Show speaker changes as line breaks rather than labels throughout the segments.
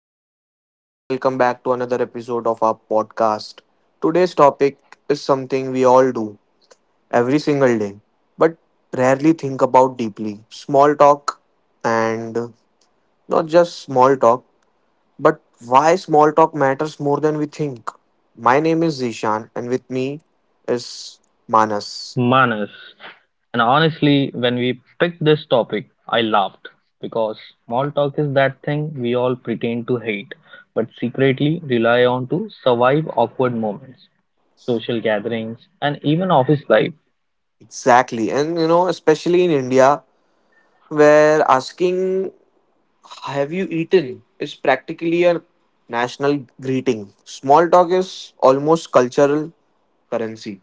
Hello, everyone, and welcome back to another episode of our podcast. Today's topic is something we all do every single day, but rarely think about deeply. Small talk, and not just small talk, but why small talk matters more than we think. My name is Zishan, and with me is Manas.
Manners. And honestly, when we picked this topic, I laughed because small talk is that thing we all pretend to hate but secretly rely on to survive awkward moments, social gatherings, and even office life.
Exactly, and you know, especially in India, where asking "Have you eaten?" is practically a national greeting. Small talk is almost cultural currency.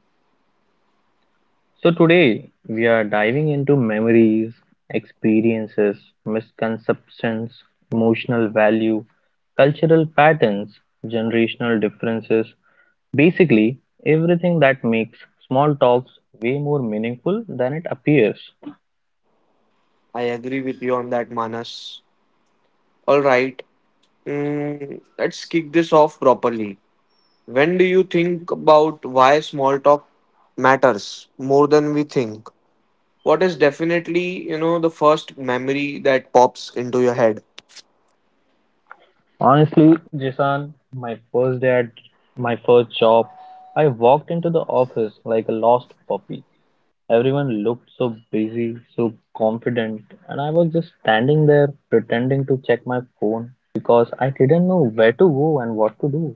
So today we are diving into memories, experiences, misconceptions, emotional value, cultural patterns, generational differences, basically everything that makes small talks way more meaningful than it appears.
I agree with you on that, Manas. All right, let's kick this off properly. When do you think about why small talk matters more than we think? What is definitely, you know, the first memory that pops into your head?
Honestly, Jason, my first day at my first job, I walked into the office like a lost puppy. Everyone looked so busy, so confident, and I was just standing there pretending to check my phone because I didn't know where to go and what to do.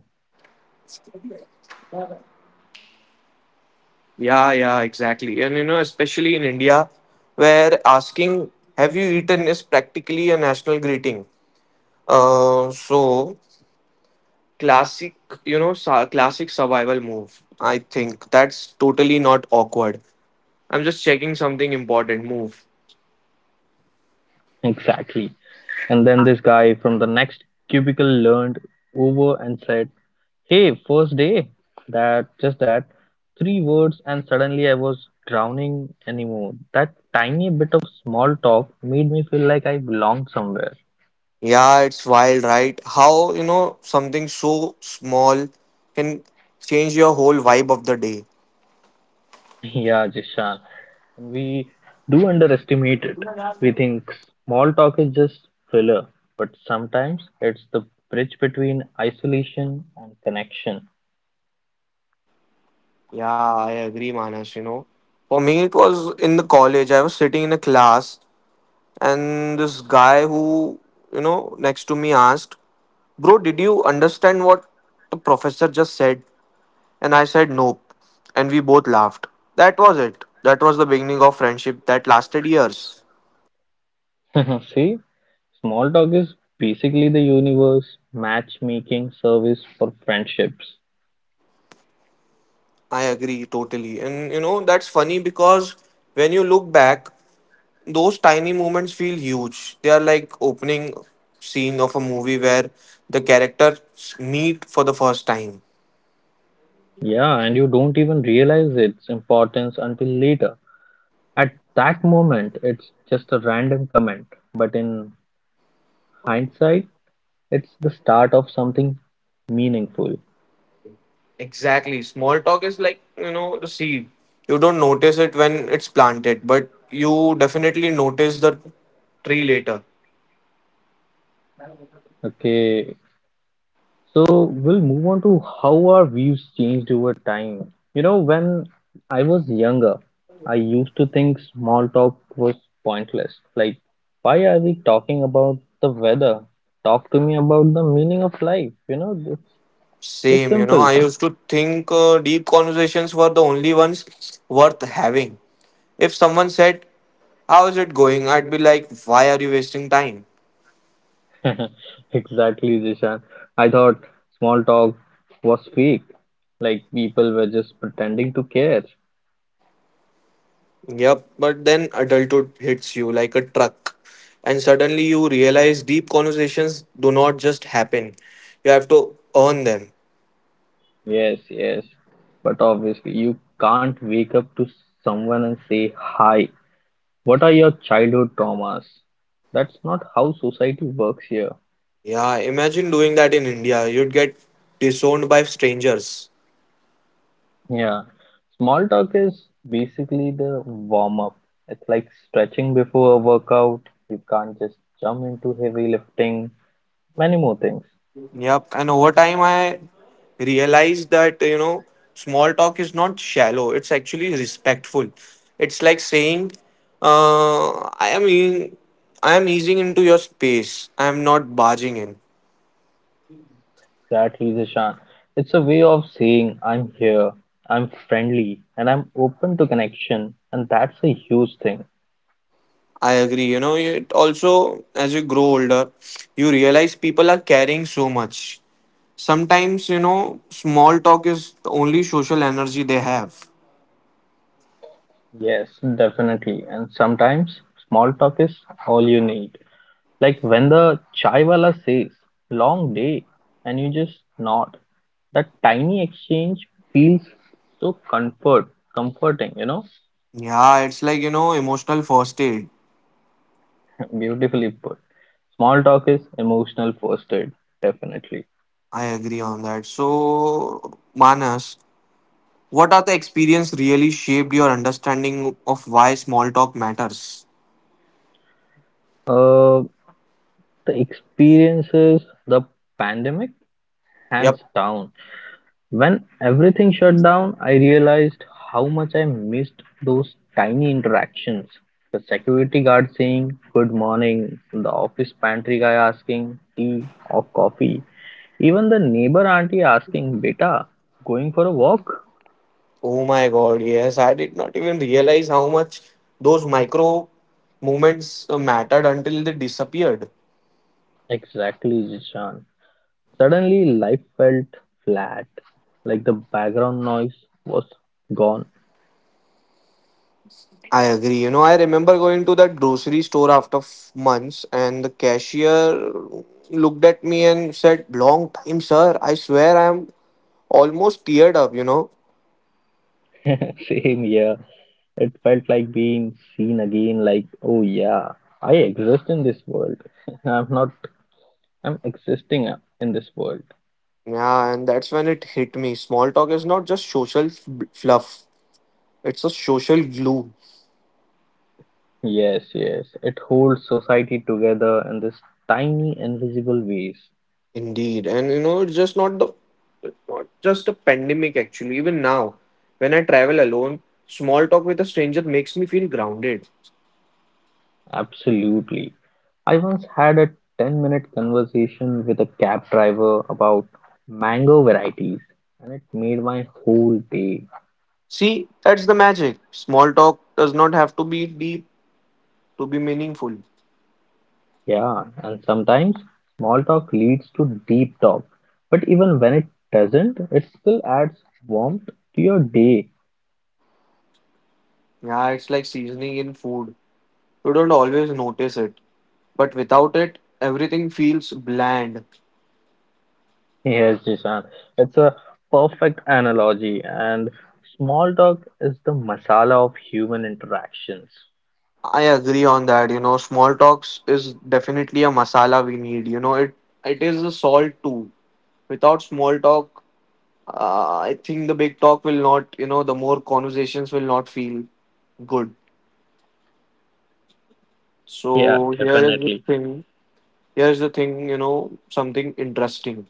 Yeah, yeah, exactly. And you know, especially in India, where asking, have you eaten is practically a national greeting. So classic, you know, classic survival move. I think that's totally not awkward. I'm just checking something important. Move.
Exactly. And then this guy from the next cubicle leaned over and said, "Hey, first day." That just that three words, and suddenly I was drowning anymore. That tiny bit of small talk made me feel like I belonged somewhere.
Yeah, it's wild, right? How, you know, something so small can change your whole vibe of the day.
Yeah, Jishan. And we do underestimate it. We think small talk is just filler, but sometimes it's the bridge between isolation and connection.
Yeah, I agree, Manas, you know. For me, it was in the college. I was sitting in a class and this guy who, you know, next to me asked, bro, did you understand what the professor just said? And I said, nope. And we both laughed. That was it. That was the beginning of friendship that lasted years.
See, small talk is basically the universe matchmaking service for friendships.
I agree totally, and you know, that's funny because when you look back, those tiny moments feel huge. They are like opening scene of a movie where the characters meet for the first time.
Yeah, and you don't even realize its importance until later. At that moment, it's just a random comment, but in hindsight, it's the start of something meaningful.
Exactly. Small talk is like, you know, the seed. You don't notice it when it's planted, but you definitely notice the tree later.
Okay, so we'll move on to how our views changed over time. You know, when I was younger, I used to think small talk was pointless. Like, why are we talking about the weather? Talk to me about the meaning of life. You know, it's just
Same, you know,
simple.
I used to think deep conversations were the only ones worth having. If someone said, "How is it going?" I'd be like, "Why are you wasting time?"
Exactly, Jishan. I thought small talk was fake. Like, people were just pretending to care.
Yep, but then adulthood hits you like a truck, and suddenly you realize deep conversations do not just happen, you have to earn them.
Yes, yes. But obviously, you can't wake up to someone and say, "Hi, what are your childhood traumas?" That's not how society works here.
Yeah, imagine doing that in India. You'd get disowned by strangers.
Yeah. Small talk is basically the warm up. It's like stretching before a workout. You can't just jump into heavy lifting. Many more things.
Yep. And over time, I realized that, you know, small talk is not shallow, it's actually respectful. It's like saying, uh, I am eating. I am easing into your space. I am not barging in.
Exactly, Zishan. It's a way of saying, I'm here, I'm friendly, and I'm open to connection. And that's a huge thing.
I agree. You know, it also, as you grow older, you realize people are carrying so much. Sometimes, you know, small talk is the only social energy they have.
Yes, definitely. And sometimes small talk is all you need. Like when the chaiwala says, "long day," and you just nod. That tiny exchange feels so comfort, comforting,
Yeah, it's like, you know, emotional first aid.
Beautifully put. Small talk is emotional first aid, definitely.
I agree on that. So, Manas, what are the experience really shaped your understanding of why small talk matters?
Uh, the experiences, the pandemic,
Yep.
hands down. When everything shut down, I realized how much I missed those tiny interactions. The security guard saying good morning, the office pantry guy asking tea or coffee, even the neighbor auntie asking beta, going for a walk?
Oh my God, yes. I did not even realize how much those micro moments mattered until they disappeared.
Exactly, Jishan. Suddenly life felt flat, like the background noise was gone.
I agree. You know, I remember going to that grocery store after months, and the cashier looked at me and said, "Long time, sir." I swear I'm almost teared up, you know.
Same here. It felt like being seen again, like, oh yeah, I exist in this world. I'm not, I'm existing in this world.
Yeah, and that's when it hit me. Small talk is not just social fluff, it's a social glue.
Yes, yes, it holds society together in this tiny, invisible ways.
Indeed. And you know, it's not just a pandemic actually. Even now, when I travel alone, small talk with a stranger makes me feel grounded.
Absolutely. I once had a 10-minute minute conversation with a cab driver about mango varieties, and it made my whole day.
See, that's the magic. Small talk does not have to be deep to be meaningful.
Yeah, and sometimes small talk leads to deep talk. But even when it doesn't, it still adds warmth to your day.
Yeah, it's like seasoning in food. You don't always notice it, but without it, everything feels bland.
Yes, Jishan, it's a perfect analogy, and small talk is the masala of human interactions.
I agree on that. You know, small talks is definitely a masala we need. You know, it is a salt too. Without small talk, I think the big talk will not. You know, the more conversations will not feel good.
Yeah,
So here is the
definitely.
thing. Here's the thing. You know, something interesting.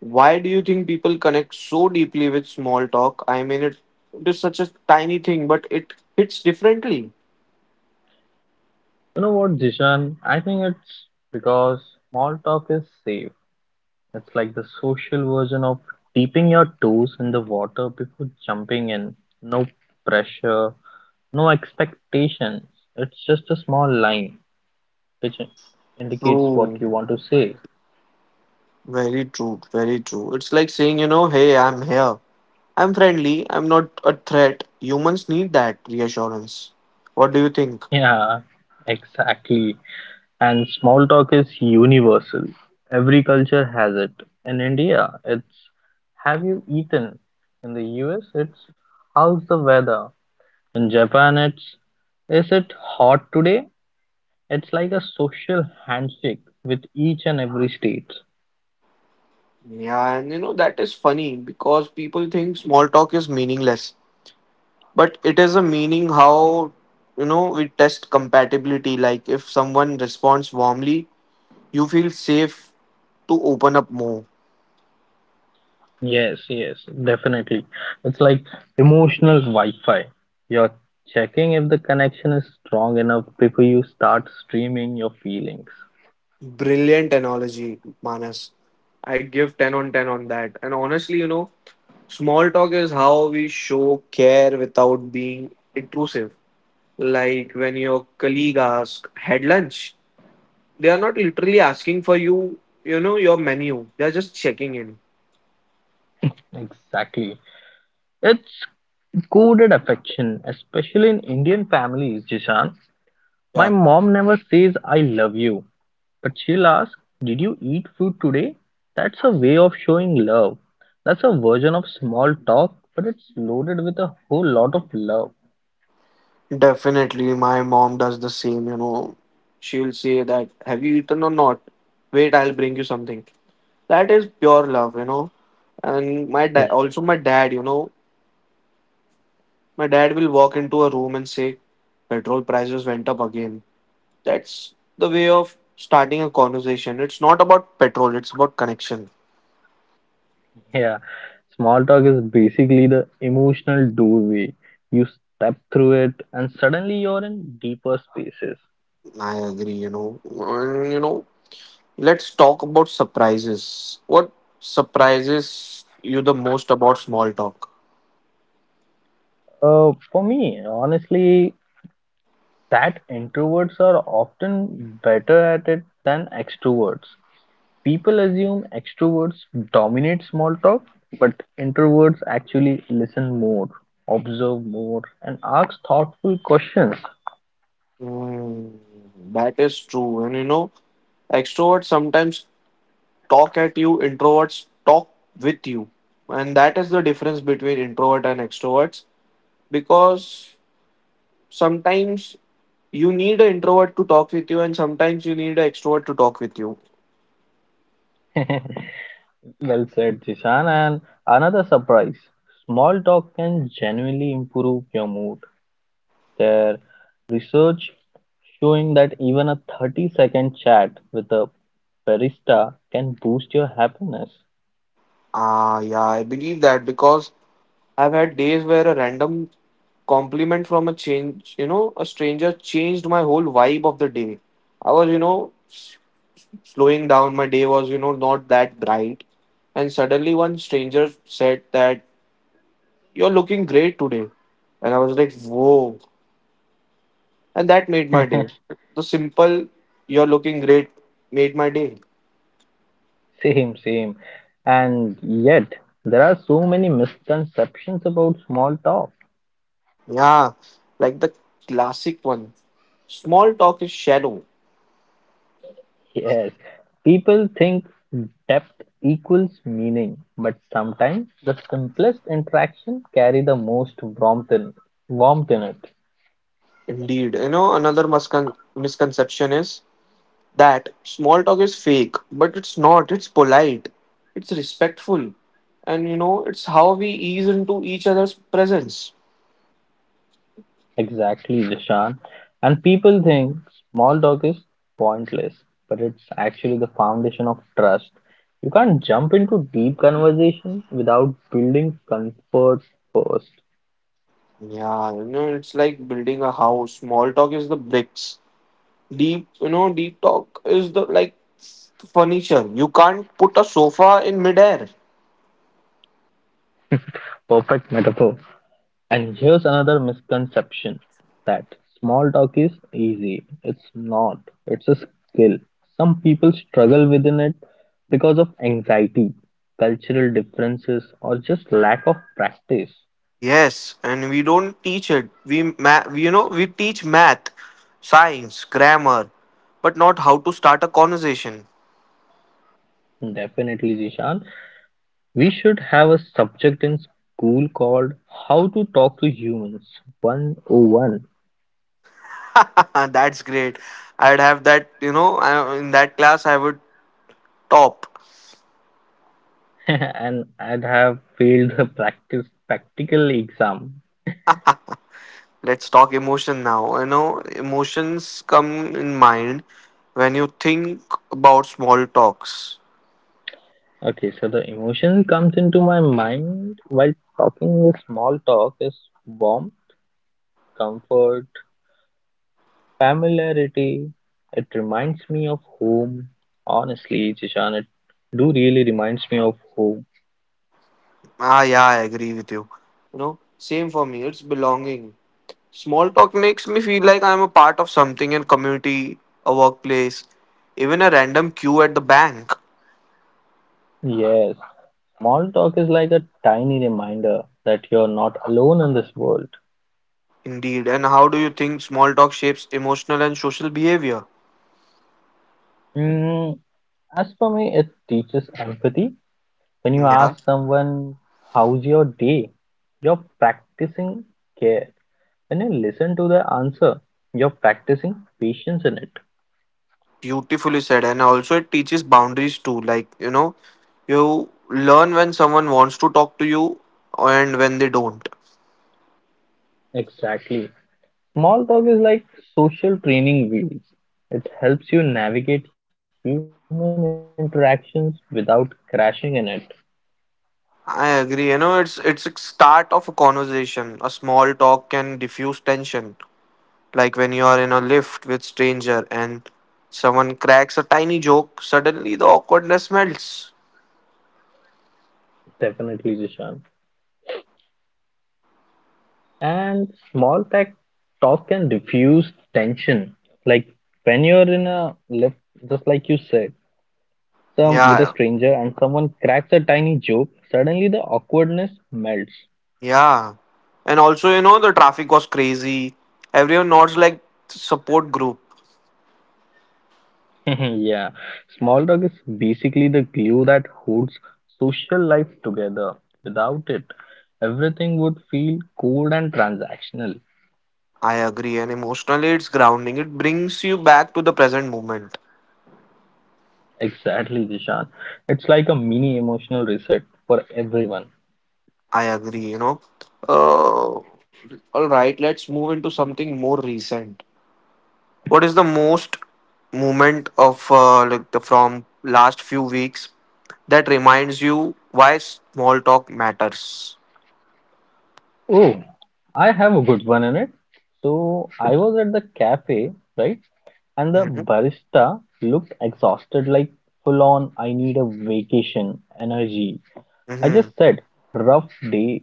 Why do you think people connect so deeply with small talk? I mean, it is such a tiny thing, but it hits differently.
You know what, Jishan? I think it's because small talk is safe. It's like the social version of dipping your toes in the water before jumping in. No pressure, no expectations. It's just a small line which indicates what
True.
you want to say.
Very true. Very true. It's like saying, you know, hey, I'm here, I'm friendly, I'm not a threat. Humans need that reassurance. What do you think?
Yeah, exactly. And small talk is universal. Every culture has it. In India, it's have you eaten? In the US, it's how's the weather? In Japan, it's is it hot today? It's like a social handshake with each and every state.
Yeah, and you know, that is funny because people think small talk is meaningless, but it is a meaning how, you know, we test compatibility. Like, if someone responds warmly, you feel safe to open up more.
Yes, yes, definitely. It's like emotional Wi-Fi. You're checking if the connection is strong enough before you start streaming your feelings.
Brilliant analogy, Manas. I give 10 on 10 on that. And honestly, you know, small talk is how we show care without being intrusive. Like when your colleague asks, "had lunch?" They are not literally asking for you, you know, your menu. They are just checking in.
Exactly. It's coded affection, especially in Indian families, Jishan. My
Yeah,
mom never says I love you, but she'll ask, "Did you eat food today?" That's a way of showing love. That's a version of small talk, but it's loaded with a whole lot of love.
definitely. My mom does the same, you know. She will say that, "have you eaten or not? Wait, I'll bring you something." That is pure love, you know. And my dad, also my dad, you know, my dad will walk into a room and say, "petrol prices went up again." That's the way of starting a conversation. It's not about petrol, it's about connection.
Yeah, small talk is basically the emotional doorway. You step through it, and suddenly you're in deeper spaces.
I agree, you know. And, you know, let's talk about surprises. What surprises you the most about small talk?
For me, honestly, that introverts are often better at it than extroverts. People assume extroverts dominate small talk, but introverts actually listen more, observe more, and ask thoughtful questions.
Hmm, that is true. And you know, extroverts sometimes talk at you, introverts talk with you. And that is the difference between introvert and extroverts because sometimes you need an introvert to talk with you and sometimes you need an extrovert to talk with you.
Well said, Jishan. And another surprise small talk can genuinely improve your mood. There, research showing that even a 30-second chat with a barista can boost your happiness.
Ah, yeah, I believe that because I've had days where a random compliment from a stranger changed my whole vibe of the day. I was, you know, slowing down. My day was, you know, not that bright. And suddenly one stranger said that, "you're looking great today." And I was like, whoa. And that made my day. The simple "you're looking great" made my day.
Same, same. And yet, there are so many misconceptions about small talk.
Yeah. Like the classic one. Small talk is shallow.
Yes, people think depth equals meaning, but sometimes the simplest interaction carry the most warmth in, warmth in it.
Indeed. You know, another misconception is that small talk is fake, but it's not. It's polite, it's respectful, and you know, it's how we ease into each other's presence.
Exactly, Jashan. And people think small talk is pointless, but it's actually the foundation of trust. You can't jump into deep conversation without building comfort first.
Yeah, you know, it's like building a house. Small talk is the bricks. Deep talk is the like furniture. You can't put a sofa in midair.
Perfect metaphor. And here's another misconception that small talk is easy. It's not. It's a skill. Some people struggle within it because of anxiety, cultural differences, or just lack of practice.
Yes, and we don't teach it. We, ma- we you know, we teach math, science, grammar, but not how to start a conversation.
Definitely, Zishan. We should have a subject in school called How to Talk to Humans 101.
That's great. I'd have that, you know, in that class, I would top.
And I'd have failed the practice practical exam.
Let's talk emotion now. You know, emotions come in mind when you think about small talks.
Okay, so the emotion comes into my mind while talking with small talk is warmth, comfort, familiarity. It reminds me of home. Honestly, Jishan, it do really reminds me of home.
Ah, yeah, I agree with you. You know, same for me. It's belonging. Small talk makes me feel like I'm a part of something in community, a workplace, even a random queue at the bank.
Yes, small talk is like a tiny reminder that you're not alone in this world.
Indeed. And how do you think small talk shapes emotional and social behavior?
Mm, as for me, it teaches empathy. When you
Yeah.
ask someone, how's your day? You're practicing care. When you listen to the answer, you're practicing patience in it.
Beautifully said. And also, it teaches boundaries too. Like, you know, you learn when someone wants to talk to you and when they don't.
Exactly. Small talk is like social training wheels. It helps you navigate human interactions without crashing in it.
I agree. You know, it's a start of a conversation. A small talk can diffuse tension. Like when you are in a lift with stranger and someone cracks a tiny joke, suddenly the awkwardness melts.
Definitely, Jishan. And small talk can diffuse tension. Like when you're in a lift, just like you said, some with a stranger and
Yeah,
someone cracks a tiny joke, suddenly the awkwardness melts.
yeah. And also, you know, the traffic was crazy. Everyone nods like support group.
Yeah, small dog is basically the glue that holds social life together. Without it, everything would feel cold and transactional.
I agree. And emotionally, it's grounding. It brings you back to the present moment.
Exactly, Jishan. It's like a mini emotional reset for everyone.
I agree, you know. Uh, all right, let's move into something more recent. What is the most moment of like the from last few weeks that reminds you why small talk matters?
Oh, I have a good one in it. So I was at the cafe, right? And the
Hmm.
barista looked exhausted, like full on, I need a vacation energy. I just
Hmm.
said, "rough day."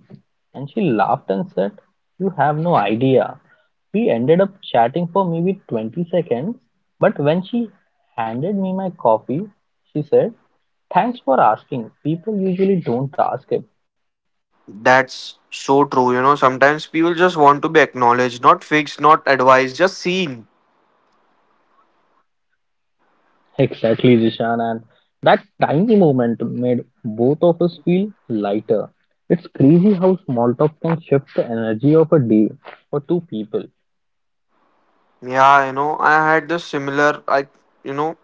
And she laughed and said, "You have no idea." We ended up chatting for maybe 20 seconds, but when she handed me my coffee, she said, "Thanks for asking. People usually don't ask it."
That's so true. You know, sometimes people just want to be acknowledged, not fixed, not advised, just seen.
Exactly, Zishan. And that tiny moment made both of us feel lighter. It's crazy how small talk can shift the energy of a day for two people.
Yeah, you know, I had this similar, you know,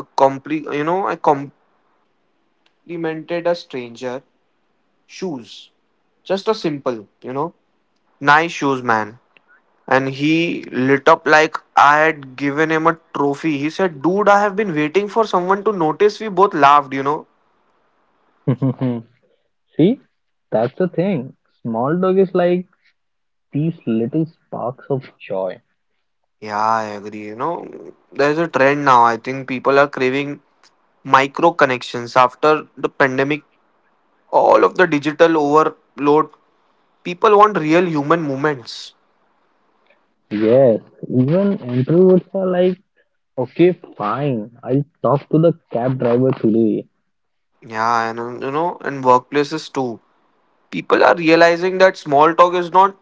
a compli- you know, I complimented a stranger. Shoes. Just a simple, you know, nice shoes, man. And he lit up like I had given him a trophy. He said, "Dude, I have been waiting for someone to notice." We both laughed, you know.
See, that's the thing. Small dog is like these little sparks of joy.
Yeah, I agree. You know, there's a trend now. I think people are craving micro connections after the pandemic, all of the digital overload. People want real human moments.
Yes, even introverts are like, okay, fine, I'll talk to the cab driver today.
Yeah, and you know, and workplaces too. People are realizing that small talk is not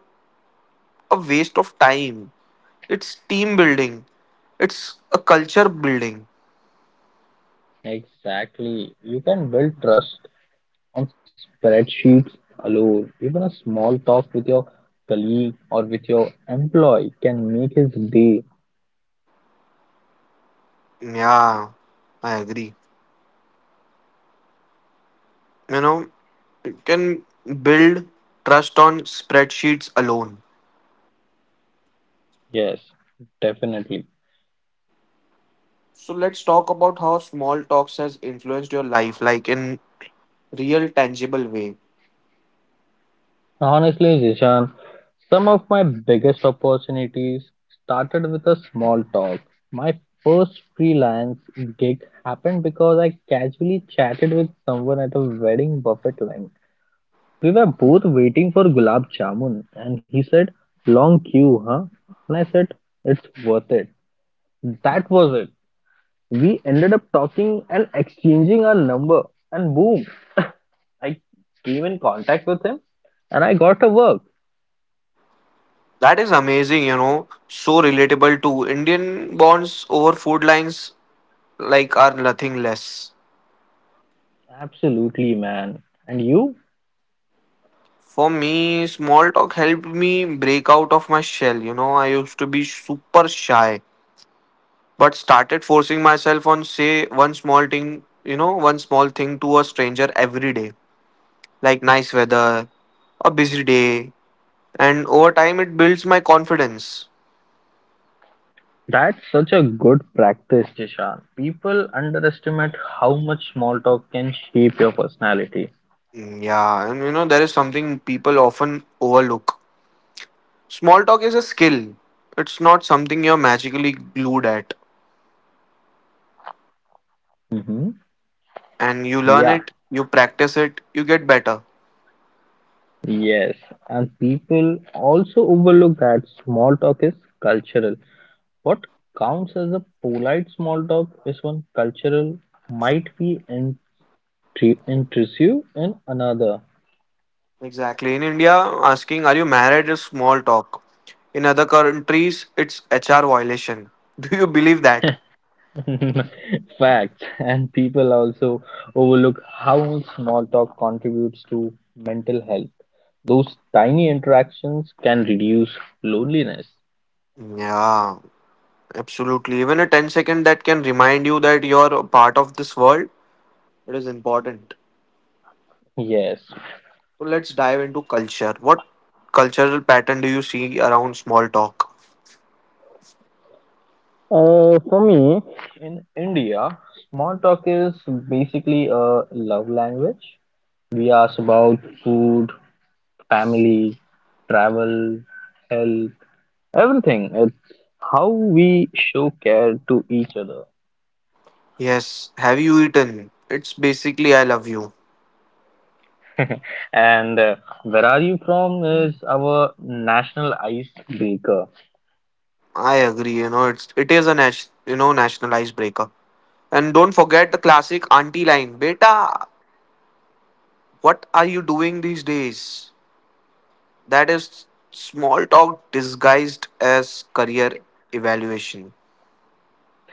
a waste of time. It's team building. It's a culture building.
Exactly. You can build trust on spreadsheets alone. Even a small talk with your colleague or with your employee can make his day.
Yeah, I agree. You know, you can build trust on spreadsheets alone.
Yes, definitely.
So let's talk about how small talks has influenced your life, like in real tangible way.
Honestly, Jishan, some of my biggest opportunities started with a small talk. My first freelance gig happened because I casually chatted with someone at a wedding buffet line. We were both waiting for gulab jamun, and he said, "Long queue, huh?" And I said, "It's worth it." That was it. We ended up talking and exchanging our number, and boom, I came in contact with him and I got a work.
That is amazing, you know. So relatable too. Indian bonds over food lines like are nothing less.
Absolutely, man. And you?
For me, small talk helped me break out of my shell. You know, I used to be super shy, but started forcing myself on say one small thing to a stranger every day, like nice weather, a busy day, and over time it builds my confidence.
That's such a good practice, Jishan. People underestimate how much small talk can shape your personality.
Yeah, and you know, there is something people often overlook. Small talk is a skill. It's not something you're magically glued at.
Hmm.
And you learn
Yeah,
it, you practice it, you get better.
yes. And people also overlook that small talk is cultural. What counts as a polite small talk is one cultural might be intrusive in another.
Exactly. In India, asking "Are you married?" is small talk. In other countries, it's HR violation. Do you believe that?
Facts. And people also overlook how small talk contributes to mental health. Those tiny interactions can reduce loneliness.
Yeah, absolutely. Even a 10 second that can remind you that you're a part of this world, it is important.
Yes.
So let's dive into culture. What cultural pattern do you see around small talk?
For me, in India, small talk is basically a love language. We ask about food, family, travel, health, everything. It's how we show care to each other.
Yes, have you eaten? It's basically I love you.
And where are you from is our national icebreaker.
I agree, it is a nationalized breakup. And don't forget the classic auntie line, beta. What are you doing these days? That is small talk disguised as career evaluation.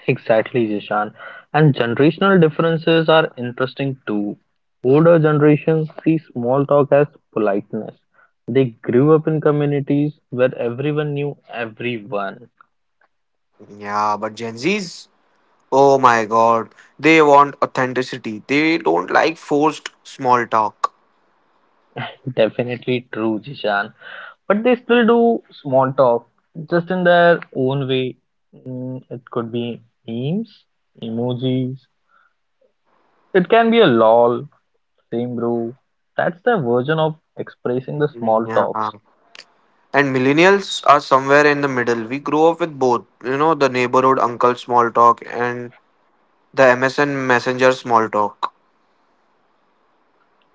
Exactly, Jishan. And generational differences are interesting too. Older generations see small talk as politeness. They grew up in communities where everyone knew everyone.
Yeah, but Gen Zs, oh my god, they want authenticity. They don't like forced small talk.
Definitely true, Jishan. But they still do small talk, just in their own way. It could be memes, emojis, it can be a lol, same, bro. That's the version of expressing the small
Yeah.
talks.
And millennials are somewhere in the middle. We grow up with both, the neighborhood uncle small talk and the MSN messenger small talk.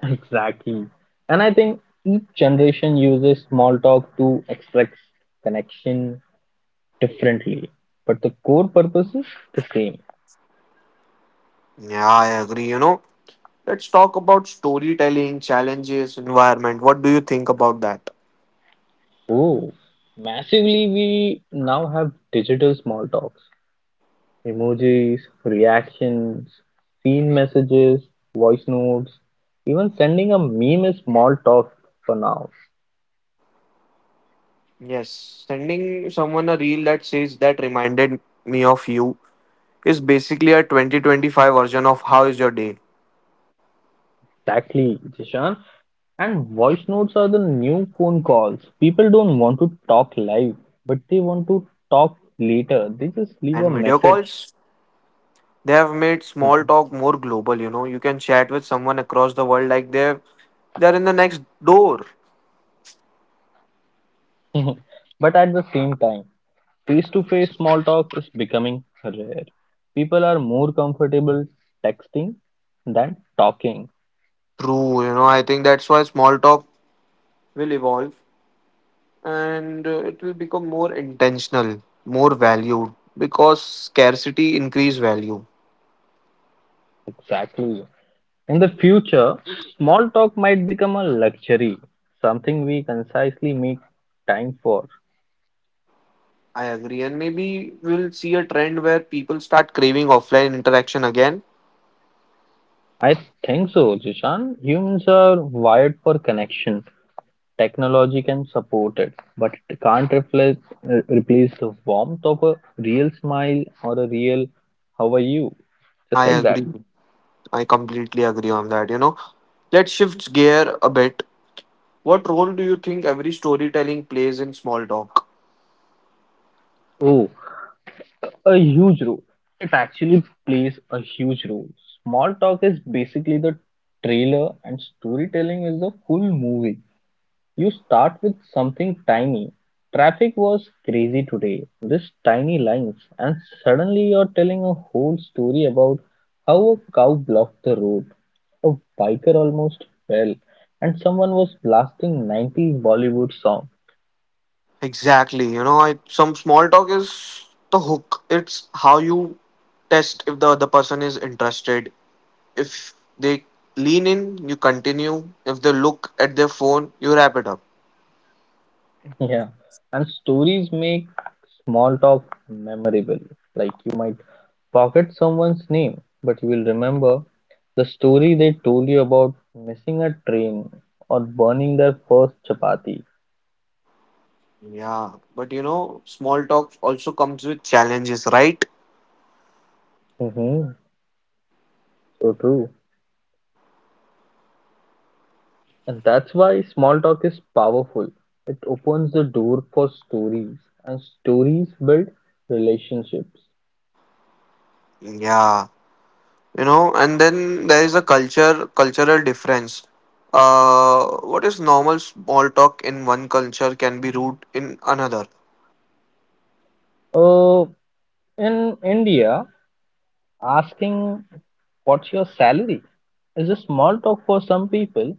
Exactly. And I think each generation uses small talk to express connection differently, but the core purpose is the same.
Yeah, I agree. Let's talk about storytelling, challenges, environment. What do you think about that?
Oh, massively, we now have digital small talks, emojis, reactions, scene messages, voice notes, even sending a meme is small talk for now.
Yes, sending someone a reel that says that reminded me of you is basically a 2025 version of how is your day.
Exactly, Jishan. And voice notes are the new phone calls. People don't want to talk live, but they want to talk later. They just leave a
And video
message.
calls, they have made small
Mhm.
talk more global, you know. You can chat with someone across the world like they're in the next door.
But at the same time, face to face small talk is becoming rare. People are more comfortable texting than talking.
True, I think that's why small talk will evolve. And it will become more intentional, more valued because scarcity increase value.
Exactly. In the future, small talk might become a luxury, something we concisely make time for.
I agree, and maybe we'll see a trend where people start craving offline interaction again.
I think so, Jishan. Humans are wired for connection. Technology can support it, but it can't reflect, replace the warmth of a real smile or a real "how are you?" Just
I
like that.
agree. I completely agree on that. Let's shift gear a bit. What role do you think every storytelling plays in small talk?
Oh, a huge role. It actually plays a huge role. Small talk is basically the trailer, and storytelling is the full movie. You start with something tiny. Traffic was crazy today, this tiny lines, and suddenly you're telling a whole story about how a cow blocked the road, a biker almost fell, and someone was blasting 90s Bollywood song.
Exactly. Some small talk is the hook. It's how you test if the other person is interested. If they lean in, you continue. If they look at their phone, you wrap it up.
Yeah, and stories make small talk memorable. Like you might forget someone's name, but you will remember the story they told you about missing a train or burning their first chapati.
Yeah, but small talk also comes with challenges, right?
Mm-hmm. So true. And that's why small talk is powerful. It opens the door for stories, and stories build relationships.
Yeah, and then there is a culture cultural difference. What is normal small talk in one culture can be rude in another.
Uh, in India, asking what's your salary is a small talk for some people,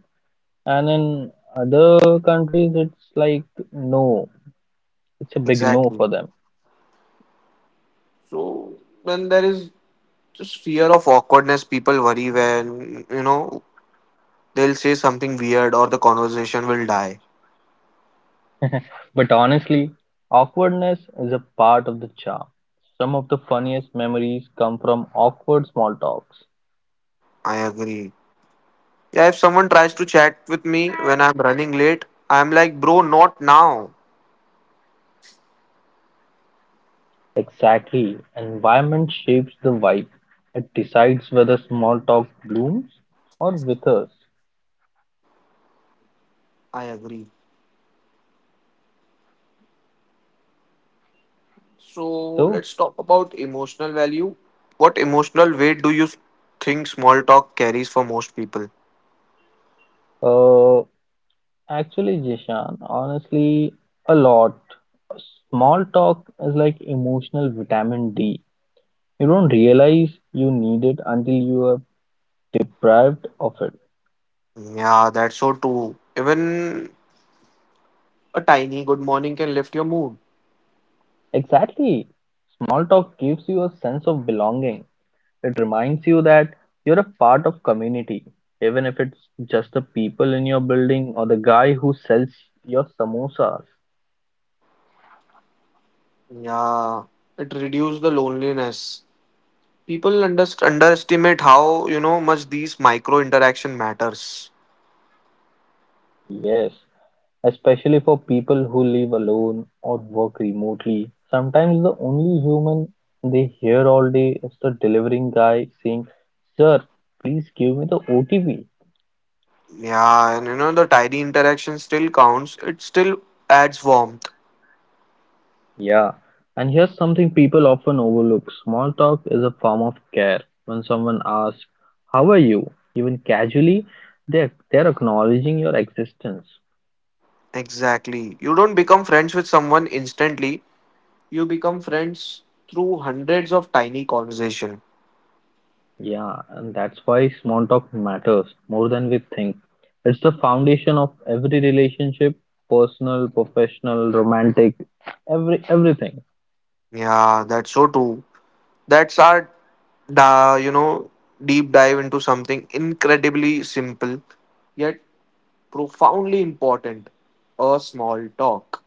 and in other countries, it's like no, it's a big no for
Exactly.
them.
So then there is just fear of awkwardness. People worry when they'll say something weird or the conversation will die.
But honestly, awkwardness is a part of the charm. Some of the funniest memories come from awkward small talks.
I agree. Yeah, if someone tries to chat with me when I'm running late, I'm like, bro, not now.
Exactly. Environment shapes the vibe. It decides whether small talk blooms or withers.
I agree. So
So,
let's talk about emotional value. What emotional weight do you think small talk carries for most people?
uh, Actually, Jishan, honestly, a lot. Small talk is like emotional vitamin D. You don't realize you need it until you are deprived of it.
Yeah, that's so true. Even a tiny good morning can lift your mood.
Exactly. Small talk gives you a sense of belonging. It reminds you that you're a part of community, even if it's just the people in your building or the guy who sells your samosas.
Yeah, it reduces the loneliness. People underestimate how much these micro interaction matters.
Yes. Especially for people who live alone or work remotely, sometimes the only human they hear all day is the delivering guy saying, "Sir, please give me the OTP."
Yeah, and the tiny interaction still counts. It still adds warmth.
Yeah, and here's something people often overlook small talk is a form of care. When someone asks, how are you? Even casually, they're acknowledging your existence.
Exactly. You don't become friends with someone instantly. You become friends through hundreds of tiny conversation.
Yeah, and that's why small talk matters more than we think. It's the foundation of every relationship, personal, professional, romantic, every everything.
Yeah, that's so true. That's our, da, you know, deep dive into something incredibly simple yet profoundly important. A small talk.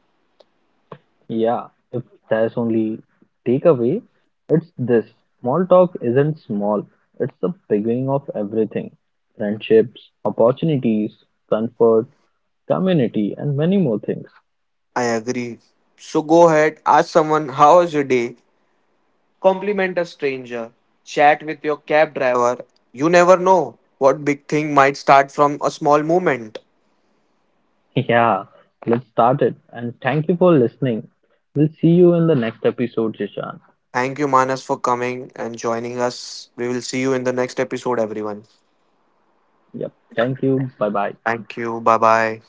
Yeah, if there's only takeaway, it's this. Small talk isn't small. It's the beginning of everything. Friendships, opportunities, comfort, community, and many more things.
I agree. So go ahead, ask someone, how was your day? Compliment a stranger, chat with your cab driver. You never know what big thing might start from a small moment.
Yeah, let's start it. And thank you for listening. We'll see you in the next episode, Jishan.
Thank you, Manas, for coming and joining us. We will see you in the next episode, everyone.
Yep. Thank you. Bye bye.
Thank you. Bye bye.